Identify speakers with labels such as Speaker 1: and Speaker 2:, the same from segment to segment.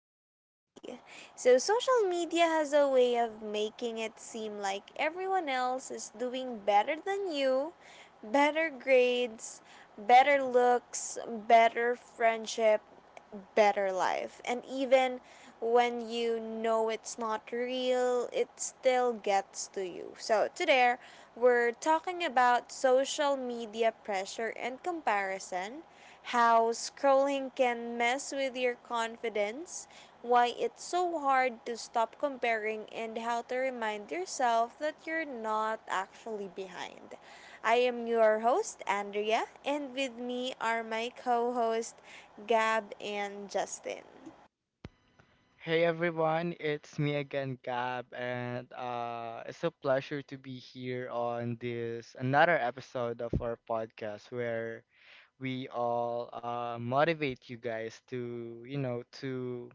Speaker 1: We See. So, social media has a way of making it seem like everyone else is doing better than you, better grades, better looks, better friendship, better life. And even when you know it's not real, it still gets to you. So, today we're talking about social media pressure and comparison, how scrolling can mess with your confidence, why it's so hard to stop comparing, and how to remind yourself that you're not actually behind. I am your host, Andrea, and with me are my co hosts Gab and Justin.
Speaker 2: Hey everyone, it's me again, Gab, and it's a pleasure to be here on this another episode of our podcast where we all motivate you guys to, you know, to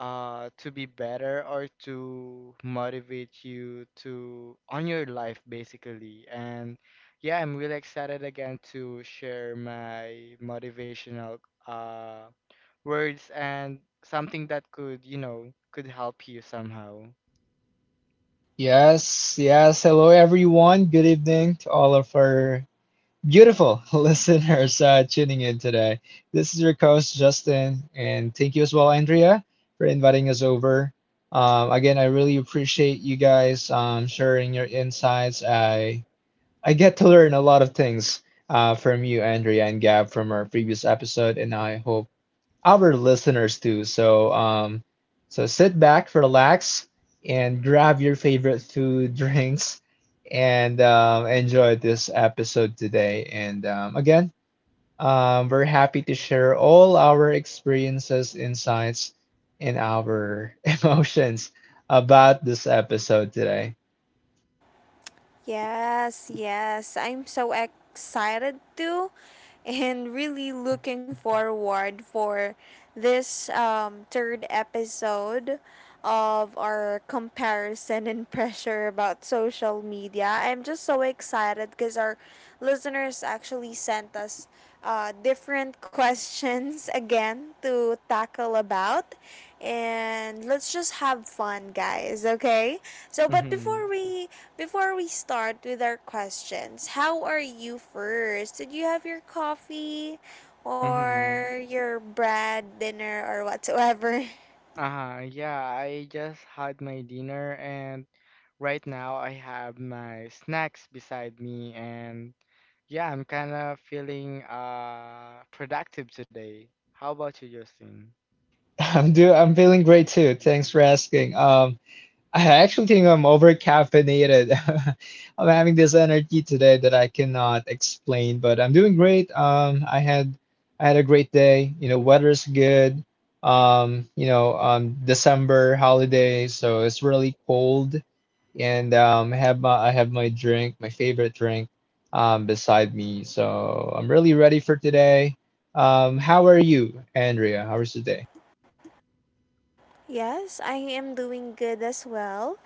Speaker 2: uh, to be better or to motivate you to on your life basically. And yeah, I'm really excited again to share my motivational uh words and something that could, you know, could help you somehow.
Speaker 3: Yes, yes. Hello, everyone. Good evening to all of our beautiful listeners tuning in today. This is your host, Justin, and thank you as well, Andrea, for inviting us over. Again, I really appreciate you guys sharing your insights. I get to learn a lot of things from you, Andrea and Gab, from our previous episode, and I hope our listeners do. So sit back, relax, and grab your favorite food, drinks, and enjoy this episode today. And again, we're happy to share all our experiences, insights, and our emotions about this episode today.
Speaker 1: Yes, yes. I'm so excited too and really looking forward for this third episode of our comparison and pressure about social media. I'm just so excited because our listeners actually sent us different questions again to tackle about, and let's just have fun, guys. Okay, so, but
Speaker 2: Mm-hmm.
Speaker 1: before we start with our questions, how are you first? Did you have your coffee
Speaker 2: Mm-hmm.
Speaker 1: or your bread dinner or whatsoever?
Speaker 2: Uh-huh. Yeah, I just had my dinner and right now I have my snacks beside me and yeah, I'm kind of feeling productive today. How about you, Justin?
Speaker 3: I'm feeling great too. Thanks for asking. I actually think I'm overcaffeinated. I'm having this energy today that I cannot explain, but I'm doing great. I had a great day. You know, weather's good. December holiday, so it's really cold, and I have my drink, my favorite drink, beside me. So I'm really ready for today. How are you, Andrea? How was your day?
Speaker 1: Yes, I am doing good as well.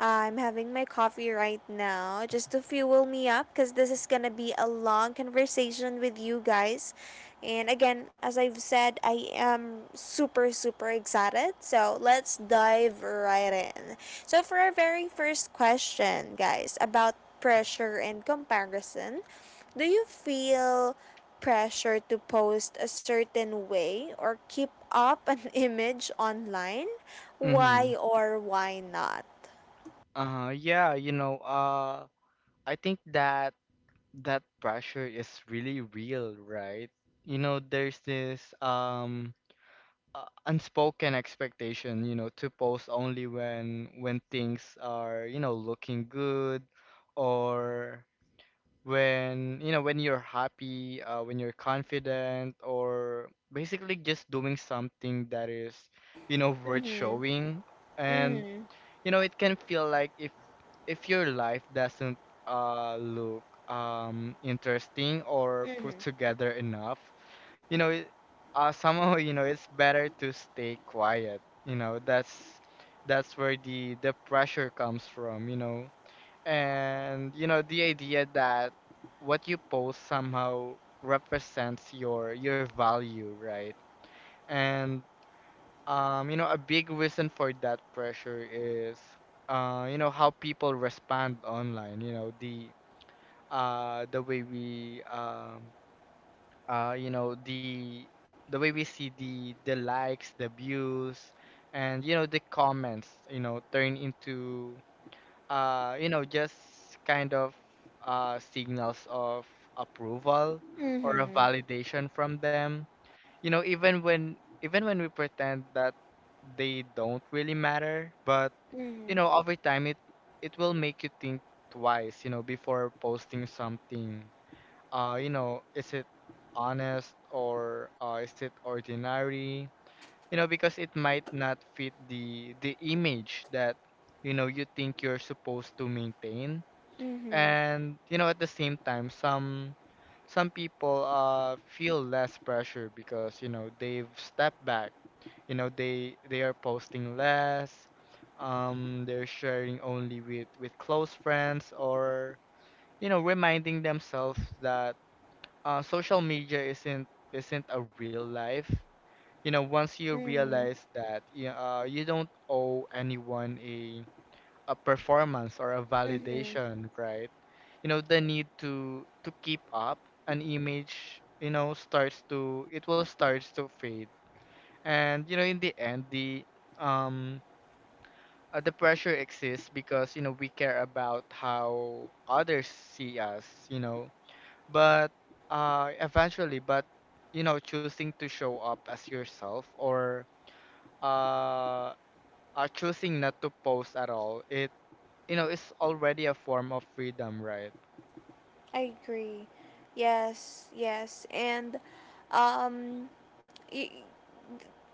Speaker 1: I'm having my coffee right now just to fuel me up because this is going to be a long conversation with you guys. And again, as I've said, I am super, super excited. So let's dive right in. So, for our very first question, guys, about pressure and comparison, do you feel pressure to post a certain way or keep up an image online?
Speaker 2: Mm-hmm.
Speaker 1: Why or why not?
Speaker 2: Uh-huh. Yeah, you know, I think that pressure is really real, right? You know, there's this unspoken expectation, you know, to post only when things are, you know, looking good or when, you know, when you're happy, when you're confident or basically just doing something that is, you know, worth
Speaker 1: Mm-hmm.
Speaker 2: showing. And
Speaker 1: Mm-hmm.
Speaker 2: you know, it can feel like if your life doesn't look interesting or put
Speaker 1: Mm-hmm.
Speaker 2: together enough, you know, somehow, you know, it's better to stay quiet. You know, that's where the pressure comes from, you know. And you know, the idea that what you post somehow represents your value, right? And you know, a big reason for that pressure is, you know, how people respond online. The way we uh, you know, the the way we see the likes, the views, and you know, the comments, you know, turn into just kind of signals of approval or a
Speaker 1: Mm-hmm.
Speaker 2: validation from them, you know, even when we pretend that they don't really matter. But you
Speaker 1: Mm-hmm.
Speaker 2: know, over time, it will make you think twice, you know, before posting something. You know, is it honest, or is it ordinary? You know, because it might not fit the image that, you know, you think you're supposed to maintain.
Speaker 1: Mm-hmm.
Speaker 2: And you know, at the same time, some people feel less pressure because, you know, they've stepped back, you know, they are posting less. Um, they're sharing only with close friends, or you know, reminding themselves that social media isn't a real life. You know, once you
Speaker 1: Mm-hmm.
Speaker 2: realize that you don't owe anyone a performance or a
Speaker 1: Mm-hmm.
Speaker 2: validation, right? You know, the need to keep up an image, you know, starts to fade. And you know, in the end, um the pressure exists because, you know, we care about how others see us, you know. But eventually, but you know, choosing to show up as yourself, or uh choosing not to post at all, it you know, it's already a form of freedom, right?
Speaker 1: I agree. Yes, yes. And um y-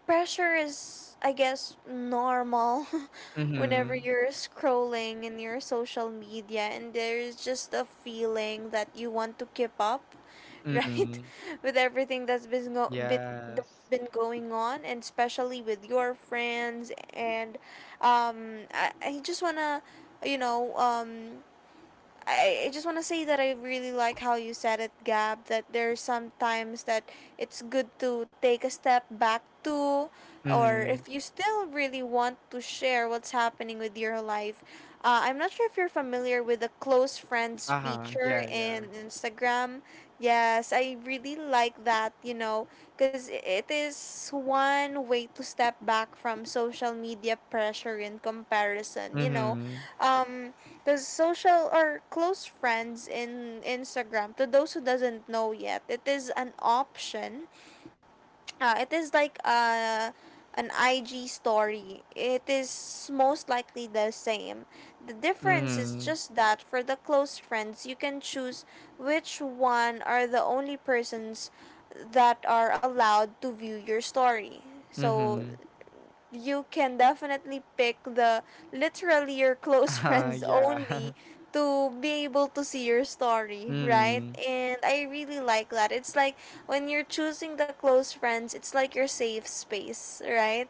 Speaker 1: pressure is, I guess, normal whenever
Speaker 2: Mm-hmm.
Speaker 1: you're scrolling in your social media and there's just a feeling that you want to keep up, right,
Speaker 2: Mm-hmm.
Speaker 1: with everything that's been bit that's
Speaker 2: Yes.
Speaker 1: been going on, and especially with your friends. And I just want to, you know um I just want to say that I really like how you said it, Gab, that there's sometimes that it's good to take a step back to, or
Speaker 2: Mm-hmm.
Speaker 1: if you still really want to share what's happening with your life. I'm not sure if you're familiar with the close friends
Speaker 2: Uh-huh.
Speaker 1: feature
Speaker 2: Yeah, yeah.
Speaker 1: in Instagram. Yes, I really like that, you know, because it is one way to step back from social media pressure and comparison, you know.
Speaker 2: Mm-hmm.
Speaker 1: Um, because social or close friends in Instagram, to those who doesn't know yet, it is an option. It is like an IG story. It is most likely the same. The difference is
Speaker 2: Mm-hmm.
Speaker 1: just that for the close friends, you can choose which one are the only persons that are allowed to view your story. So
Speaker 2: Mm-hmm.
Speaker 1: you can definitely pick the literally your close
Speaker 2: Uh-huh.
Speaker 1: friends
Speaker 2: Yeah.
Speaker 1: only to be able to see your story, right?
Speaker 2: Mm-hmm.
Speaker 1: And I really like that. It's like when you're choosing the close friends, it's like your safe space, right?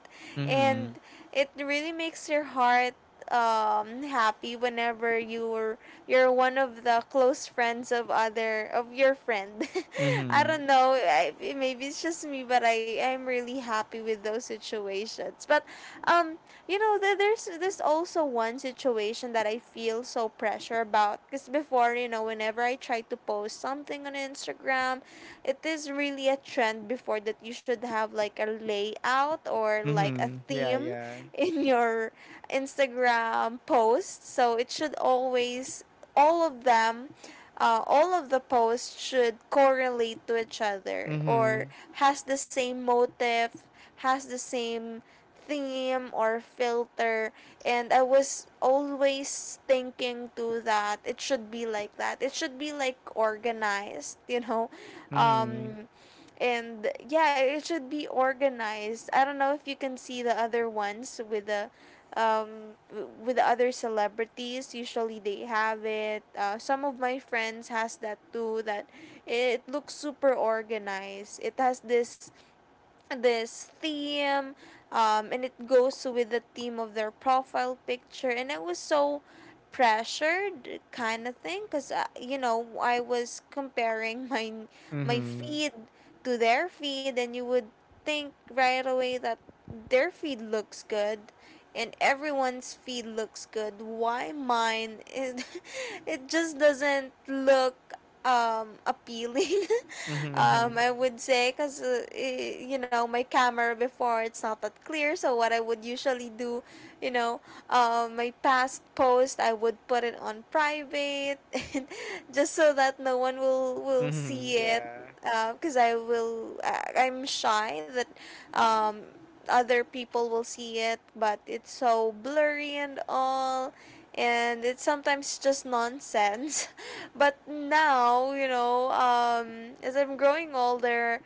Speaker 1: And it really makes your heart happy whenever you're one of the close friends of other of your friend.
Speaker 2: Mm-hmm.
Speaker 1: I
Speaker 2: Mm-hmm.
Speaker 1: don't know. Maybe it's just me, but I'm really happy with those situations. But um, you know, there's also one situation that I feel so pressure about, because before, you know, whenever I try to post something on Instagram, it is really a trend before that you should have like a layout or like a
Speaker 2: Mm-hmm. Yeah,
Speaker 1: theme
Speaker 2: yeah.
Speaker 1: in your Instagram post. So it should always, all of them, all of the posts should correlate to each other, or
Speaker 2: Mm-hmm.
Speaker 1: has the same motive, has the same theme or filter. And I was always thinking to that it should be like that, it should be like organized, you know.
Speaker 2: Mm-hmm.
Speaker 1: um and yeah, it should be organized. I don't know if you can see the other ones with the with the other celebrities. Usually they have it, some of my friends has that too, that it looks super organized, it has this theme. And it goes with the theme of their profile picture, and I was so pressured, kind of thing, because I was comparing my
Speaker 2: Mm-hmm.
Speaker 1: feed to their feed, and you would think right away that their feed looks good, and everyone's feed looks good. Why mine, it, it just doesn't look appealing.
Speaker 2: Mm-hmm.
Speaker 1: I would say because my camera before, it's not that clear, so what I would usually do, you know, my past post, I would put it on private, and just so that no one will see
Speaker 2: Mm-hmm.
Speaker 1: it,
Speaker 2: Yeah.
Speaker 1: because I'm shy that um, other people will see it, but it's so blurry and all, and it's sometimes just nonsense. But now, you know, as I'm growing older,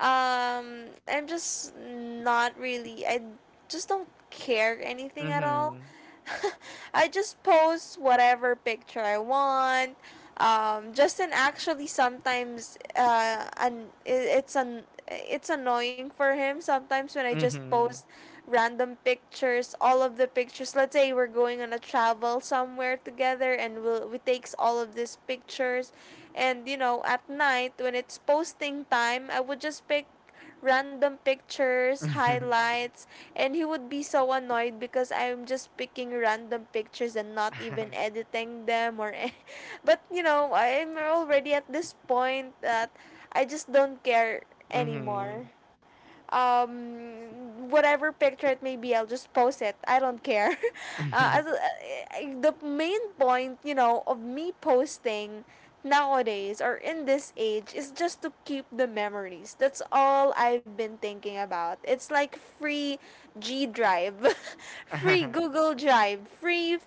Speaker 1: I'm just not really, I just don't care anything at all.
Speaker 2: Mm-hmm.
Speaker 1: I just post whatever picture I want. Justin actually sometimes, an, it, it's an it's annoying for him sometimes when I just post
Speaker 2: Mm-hmm.
Speaker 1: random pictures, all of the pictures. Let's say we're going on a travel somewhere together, and we takes all of these pictures, and you know, at night when it's posting time, I would just pick random pictures, highlights, and he would be so annoyed because I'm just picking random pictures and not even editing them, but you know, I'm already at this point that I just don't care
Speaker 2: Mm-hmm.
Speaker 1: anymore. Whatever picture it may be, I'll just post it. I don't care. uh,
Speaker 2: Mm-hmm.
Speaker 1: as, uh, the main point, you know, of me posting nowadays or in this age is just to keep the memories. That's all I've been thinking about. It's like free G Drive, free Google Drive, free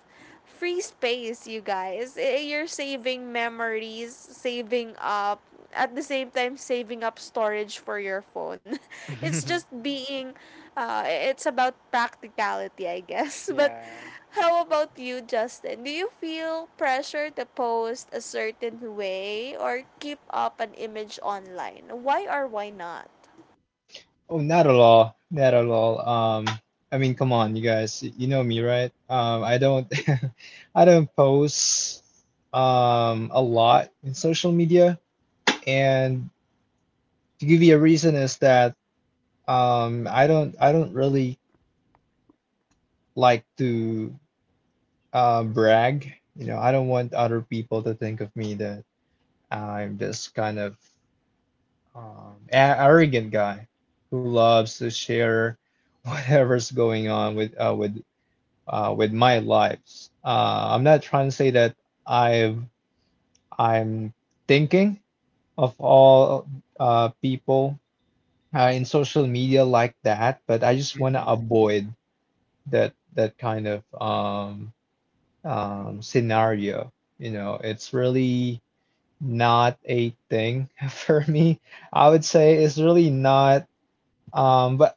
Speaker 1: space, you guys. You're saving memories, saving up, at the same time saving up storage for your phone. It's just being, it's about practicality, I guess. But
Speaker 2: Yeah.
Speaker 1: how about you, Justin? Do you feel pressure to post a certain way or keep up an image online? Why or why not?
Speaker 3: Oh, not at all. Not at all. I mean, come on, you guys. You know me, right? I don't, I don't post a lot in social media, and to give you a reason is that I don't really like to brag. You know, I don't want other people to think of me that I'm this kind of um, a- arrogant guy who loves to share whatever's going on with with my lives. I'm not trying to say that I've I'm thinking of all people in social media like that, but I just want to
Speaker 2: Mhm.
Speaker 3: avoid that kind of scenario. You know, it's really not a thing for me. I would say it's really not. But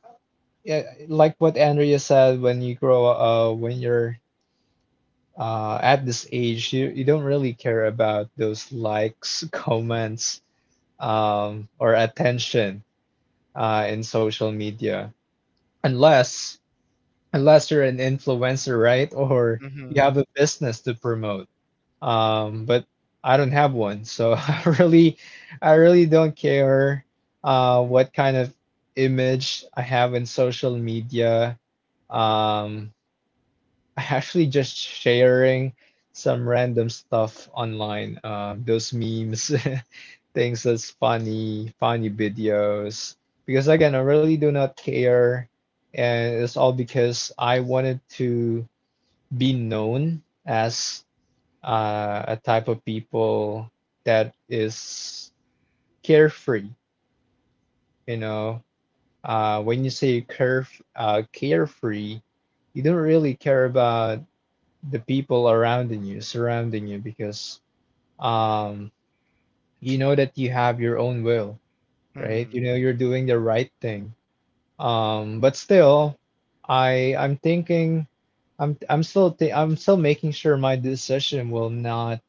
Speaker 3: yeah, like what Andrea said, when you're at this age, you don't really care about those likes, comments, or attention in social media, unless unless you're an influencer, right? Or you have a
Speaker 2: Mhm.
Speaker 3: business to promote. But I don't have one, so I really don't care what kind of image I have in social media. Um, Actually just sharing some random stuff online. Those memes, things that's funny, funny videos. Because again, I really do not care, and it's all because I wanted to be known as a type of people that is carefree. You know, when you say caref carefree, you don't really care about the people around you, surrounding you, because um, you know that you have your own will, right? You
Speaker 2: Mhm.
Speaker 3: know you're doing the right thing. But still, I I'm thinking, I'm still th I'm still making sure my decision will not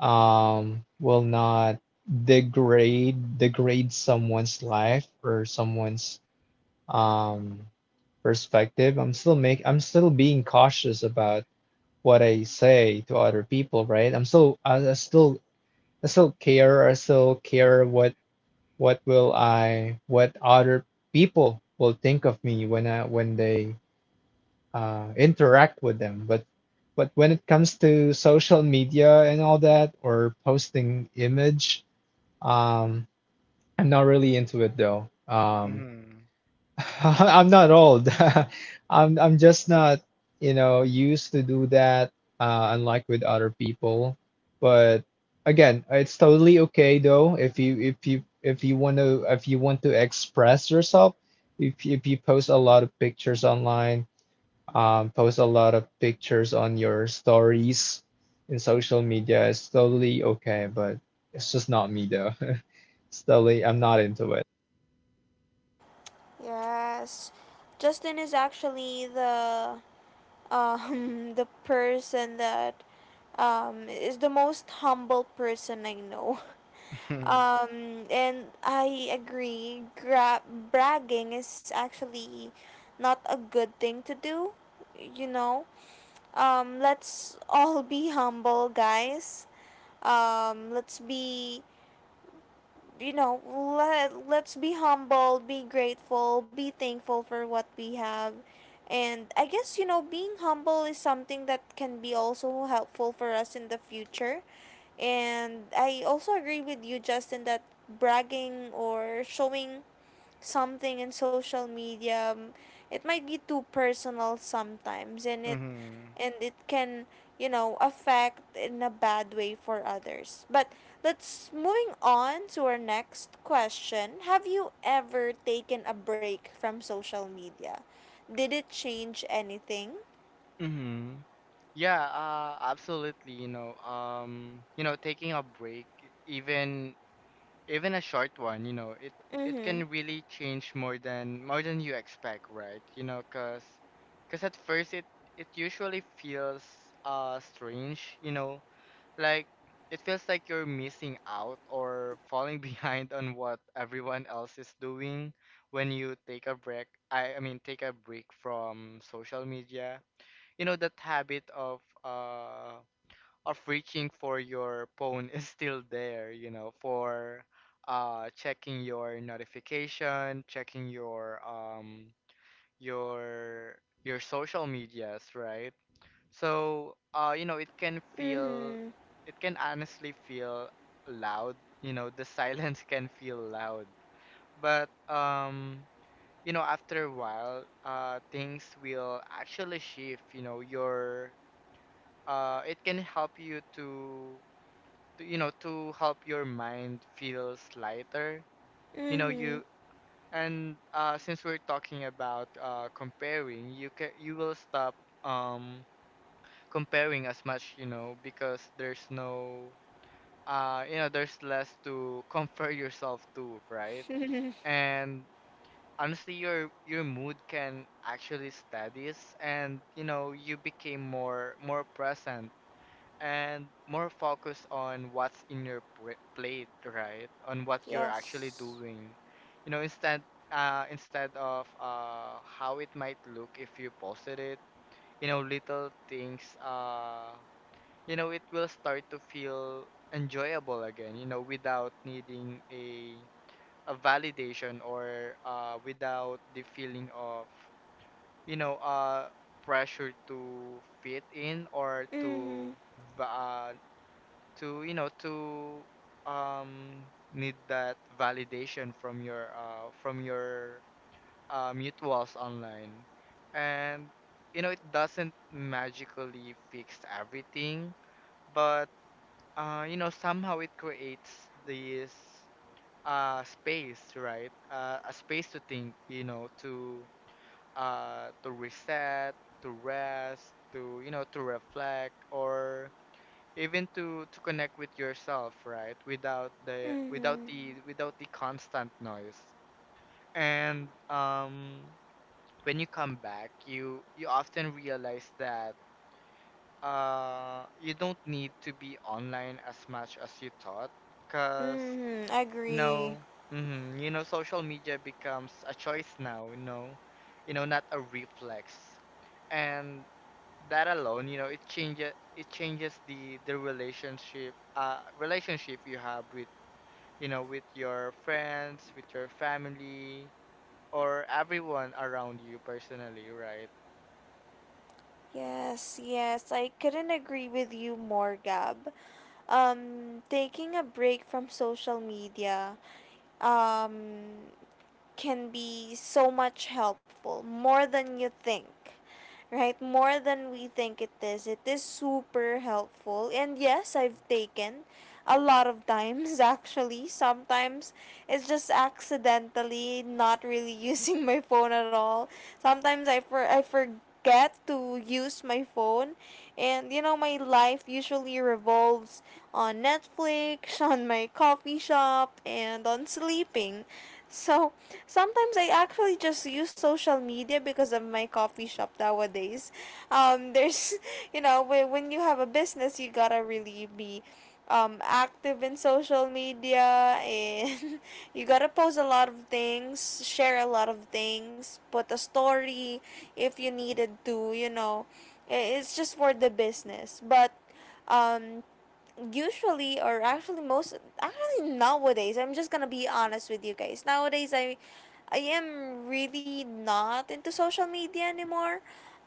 Speaker 3: um will not degrade someone's life or someone's um perspective. I'm still being cautious about what I say to other people, right? I still care. I still care what other people will think of me when I when they interact with them. But when it comes to social media and all that or posting image, um, I'm not really into it though.
Speaker 2: Mhm.
Speaker 3: I'm not old. I'm just not, you know, used to do that, unlike with other people. But again, it's totally okay though if you want to express yourself, if you post a lot of pictures online, post a lot of pictures on your stories in social media, it's totally okay. But it's just not me though. It's totally, I'm not into it.
Speaker 1: Yes. Justin is actually the the person that is the most humble person I know.
Speaker 2: Mhm.
Speaker 1: And I agree, bragging is actually not a good thing to do, you know. Let's all be humble, guys. Let's be you know, let, Let's be humble, be grateful, be thankful for what we have. And I guess, you know, being humble is something that can be also helpful for us in the future. And I also agree with you, Justin, that bragging or showing something in social media, it might be too personal sometimes, and it,
Speaker 2: Mhm.
Speaker 1: and it can you know, affect in a bad way for others. But let's moving on to our next question: have you ever taken a break from social media? Did it change anything?
Speaker 2: Mhm. Yeah, absolutely, you know, taking a break, even even a short one, you know, it
Speaker 1: Mhm.
Speaker 2: can really change more than you expect, right? You know, cause at first, it usually feels strange, you know, like it feels like you're missing out or falling behind on what everyone else is doing when you take a break. I mean take a break from social media. You know, that habit of reaching for your phone is still there, you know, for checking your notification, checking your your social medias, right? So, you know,
Speaker 1: Mhm.
Speaker 2: it can honestly feel loud. You know, the silence can feel loud. But, you know, after a while, things will actually shift. You know, it can help you to, you know, to help your mind feels lighter. You know,
Speaker 1: Mhm.
Speaker 2: you, and since we're talking about comparing, you will stop Um, comparing as much, you know, because there's no you know, there's less to compare yourself to, right? And honestly, your mood can actually steadies, and you know, you became more present and more focused on what's in your plate, right? On what you're actually
Speaker 1: Yes.
Speaker 2: doing. You know, instead of how it might look if you posted it. You know, little things, you know, it will start to feel enjoyable again, you know, without needing a validation, or without the feeling of, you know, pressure to fit in or to
Speaker 1: Mhm.
Speaker 2: va- uh you know, to um need that validation from your mutuals online. And you know, it doesn't magically fix everything, but you know, somehow it creates this space, right? A space to think, you know, to reset, to rest, to, you know, to reflect, or even to connect with yourself, right? Without
Speaker 1: Mhm.
Speaker 2: the constant noise. And when you come back, you often realize that you don't need to be online as much as you thought, cause
Speaker 1: Mhm.
Speaker 2: you
Speaker 1: Agree.
Speaker 2: know, you know, social media becomes a choice now, you know, not a reflex. And that alone, you know, it changes the relationship you have with, you know, with your friends, with your family, or everyone around you personally, right?
Speaker 1: Yes, yes, I couldn't agree with you more, Gab. Taking a break from social media, um, can be so much helpful, more than you think, right? More than we think it is. It is super helpful. And yes, I've taken a lot of times actually. Sometimes it's just accidentally not really using my phone at all. Sometimes I forget to use my phone, and you know, my life usually revolves on Netflix, on my coffee shop, and on sleeping. So sometimes I actually just use social media because of my coffee shop nowadays. There's, you know, when you have a business, you gotta really be active in social media, and you gotta post a lot of things, share a lot of things, put a story if you needed to, you know. It's just for the business. But um, usually, or actually most, actually nowadays, I'm just gonna be honest with you guys, nowadays I am really not into social media anymore.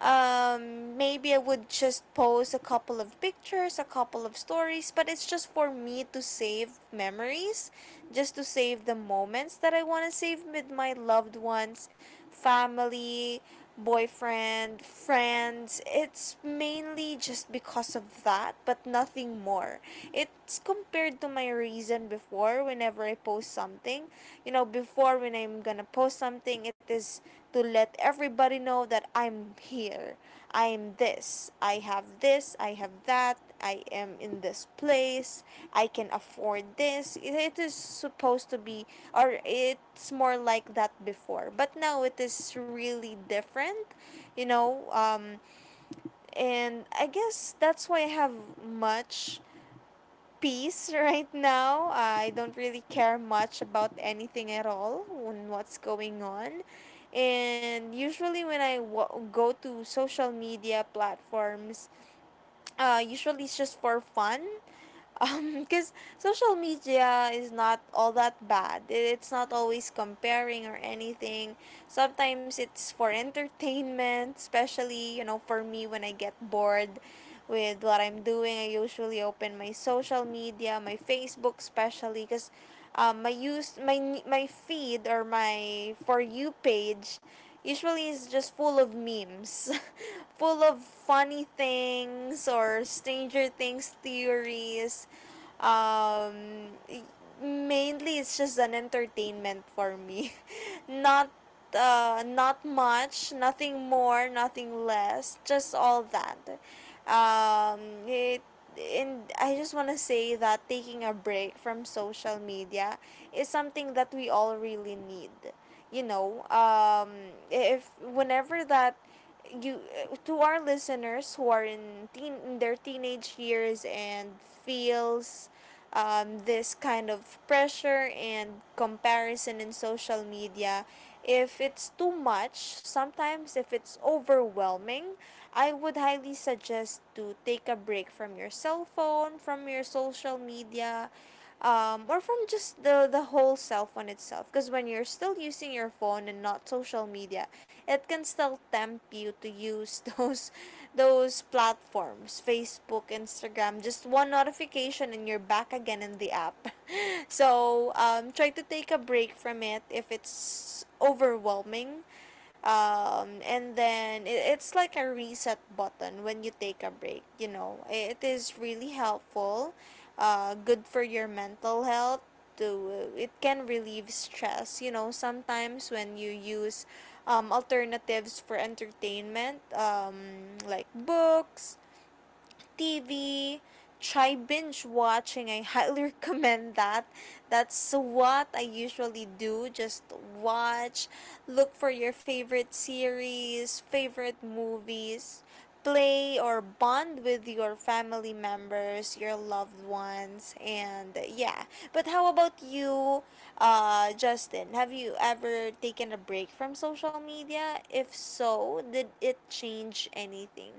Speaker 1: Maybe I would just post a couple of pictures, a couple of stories, but it's just for me to save memories, just to save the moments that I want to save with my loved ones, family, boyfriend, friends. It's mainly just because of that, but nothing more. It's compared to my reason before whenever I post something. You know, before, when I'm gonna post something, it is to let everybody know that I'm here. I am this, I have that, I am in this place, I can afford this. It is supposed to be, or it's more like that before. But now it is really different, you know. And I guess that's why I have much peace right now. I don't really care much about anything at all on what's going on. And usually when I go to social media platforms, usually it's just for fun, because social media is not all that bad. It's not always comparing or anything. Sometimes it's for entertainment, especially, you know, for me when I get bored with what I'm doing, I usually open my social media, my Facebook especially, because my feed or my for you page usually is just full of memes, full of funny things, or Stranger Things theories. um, Mainly it's just an entertainment for me. not Not much, nothing more, nothing less, just all that, um it and I just want to say that taking a break from social media is something that we all really need. You know, if whenever that you to our listeners who are in teen in their teenage years and feels this kind of pressure and comparison in social media, if it's too much sometimes, if it's overwhelming, I would highly suggest to take a break from your cell phone, from your social media, or from just the whole cell phone itself, because when you're still using your phone and not social media, it can still tempt you to use those platforms, Facebook, Instagram. Just one notification and you're back again in the app. So, try to take a break from it if it's overwhelming. And then, it's like a reset button. When you take a break, you know, it is really helpful, good for your mental health. To It can relieve stress, you know. Sometimes when you use alternatives for entertainment, like books, TV, try binge watching. I highly recommend that. That's what I usually do. Just watch, look for your favorite series, favorite movies, play or bond with your family members, your loved ones, and yeah. But how about you, Justin? Have you ever taken a break from social media? If so, did it change anything?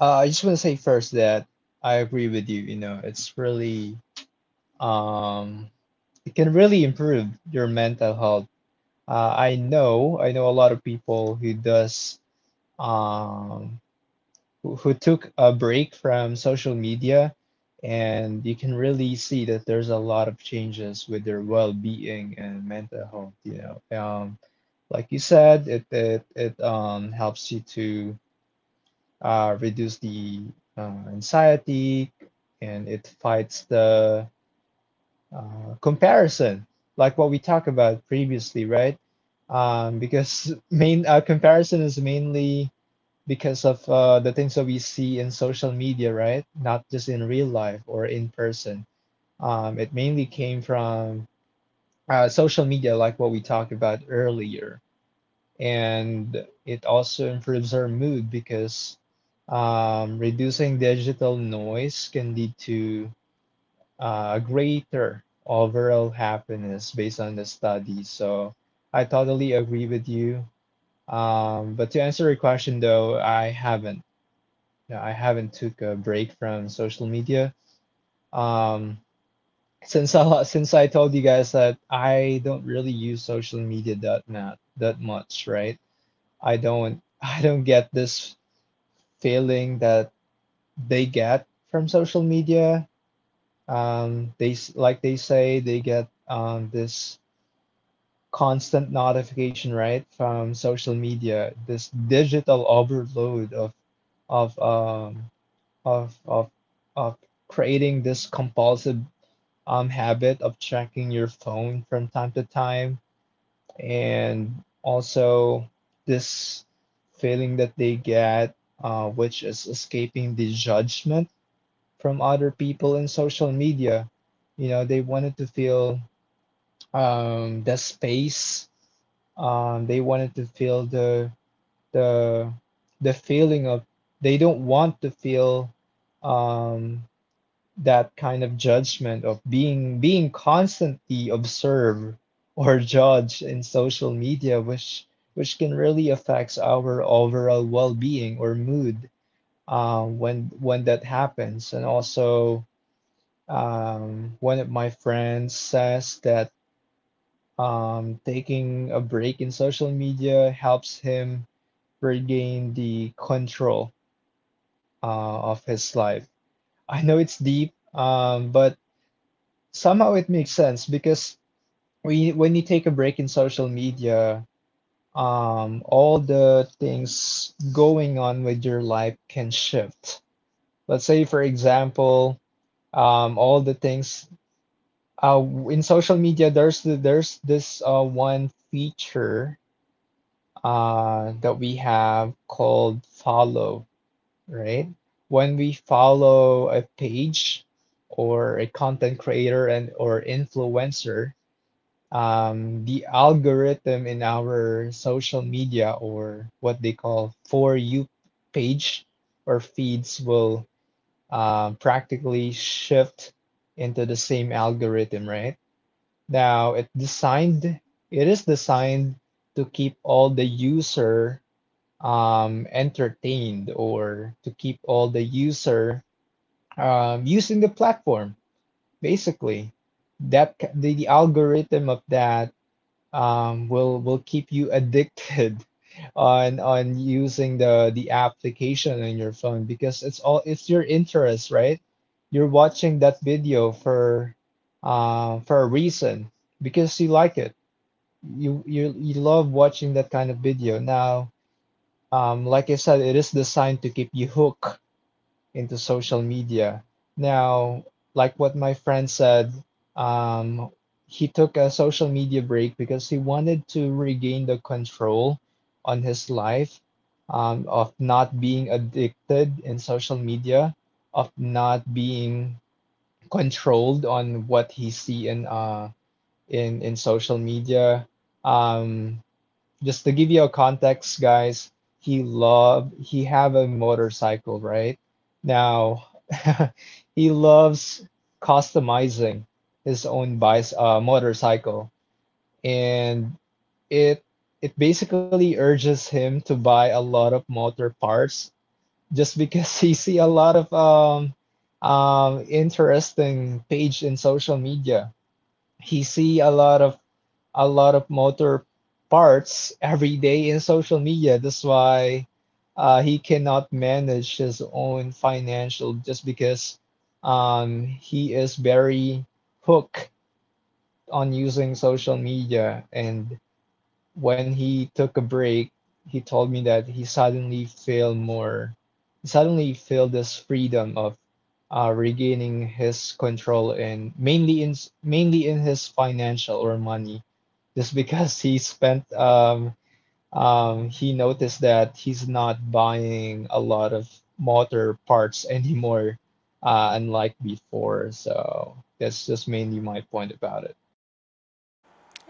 Speaker 3: I just want to say first that I agree with you. You know, it's really um, it can really improve your mental health. I know a lot of people who does um, who took a break from social media, and you can really see that there's a lot of changes with their well-being and mental health. You know, like you said, it helps you to reduce the anxiety, and it fights the comparison, like what we talked about previously, right? Because main comparison is mainly because of the things that we see in social media, right? Not just in real life or in person. It mainly came from social media, like what we talked about earlier, and it also improves our mood because reducing digital noise can lead to greater overall happiness based on the study. So I totally agree with you. But to answer your question though, I haven't. No, I haven't took a break from social media. Um, since I told you guys that I don't really use social media that not that much, right? I don't I don't get this feeling that they get from social media. They like they say they get this constant notification right from social media, this digital overload of um, of of of creating this compulsive habit of checking your phone from time to time, and also this feeling that they get, which is escaping the judgment from other people in social media. You know, they wanted to feel the space. They wanted to feel the the feeling of, they don't want to feel um, that kind of judgment of being constantly observed or judged in social media, which can really affects our overall well-being or mood when that happens, and also one of my friends says that taking a break in social media helps him regain the control of his life. I know it's deep, but somehow it makes sense because when you take a break in social media, all the things going on with your life can shift. Let's say, for example, all the things Uh, in social media, there's this one feature that we have called follow, right? When we follow a page or a content creator and or influencer, the algorithm in our social media or what they call for you page or feeds will practically shift into the same algorithm, right? Now it designed It is designed to keep all the user entertained, or to keep all the user using the platform. Basically, the algorithm of that will keep you addicted on using the application on your phone, because it's all, it's your interest, right? You're watching that video for a reason because you like it. You love watching that kind of video. Now, like I said, it is designed to keep you hooked into social media. Now, like what my friend said, um, he took a social media break because he wanted to regain the control on his life, of not being addicted in social media, of not being controlled on what he see in in social media. Um, just to give you a context, guys, he have a motorcycle, right? Now, he loves customizing his own bice motorcycle, and it it basically urges him to buy a lot of motor parts just because he see a lot of interesting page in social media. He see a lot of motor parts every day in social media. That's why he cannot manage his own financial just because he is very hooked on using social media. And when he took a break, he told me that he suddenly feel this freedom of regaining his control and mainly in his financial or money just because he noticed that he's not buying a lot of motor parts anymore, unlike before. So that's just mainly my point about it.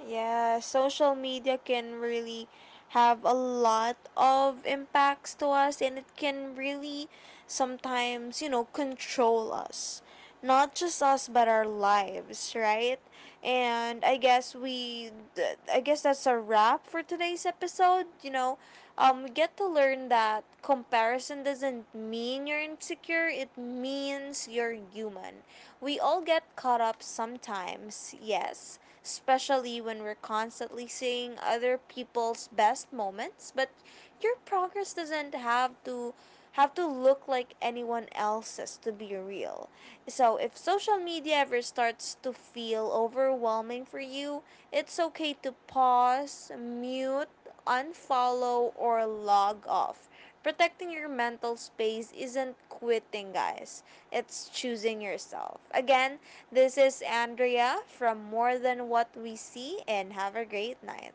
Speaker 1: Yeah, social media can really have a lot of impacts to us, and it can really sometimes, you know, control us. Not just us but our lives, right? And I guess I guess that's a wrap for today's episode, you know. We get to learn that comparison doesn't mean you're insecure, it means you're human. We all get caught up sometimes, yes, especially when we're constantly seeing other people's best moments, but your progress doesn't have to look like anyone else's to be real. So if social media ever starts to feel overwhelming for you, it's okay to pause, mute, unfollow or log off. Protecting your mental space isn't quitting, guys. It's choosing yourself. Again, this is Andrea from More Than What We See, and have a great night.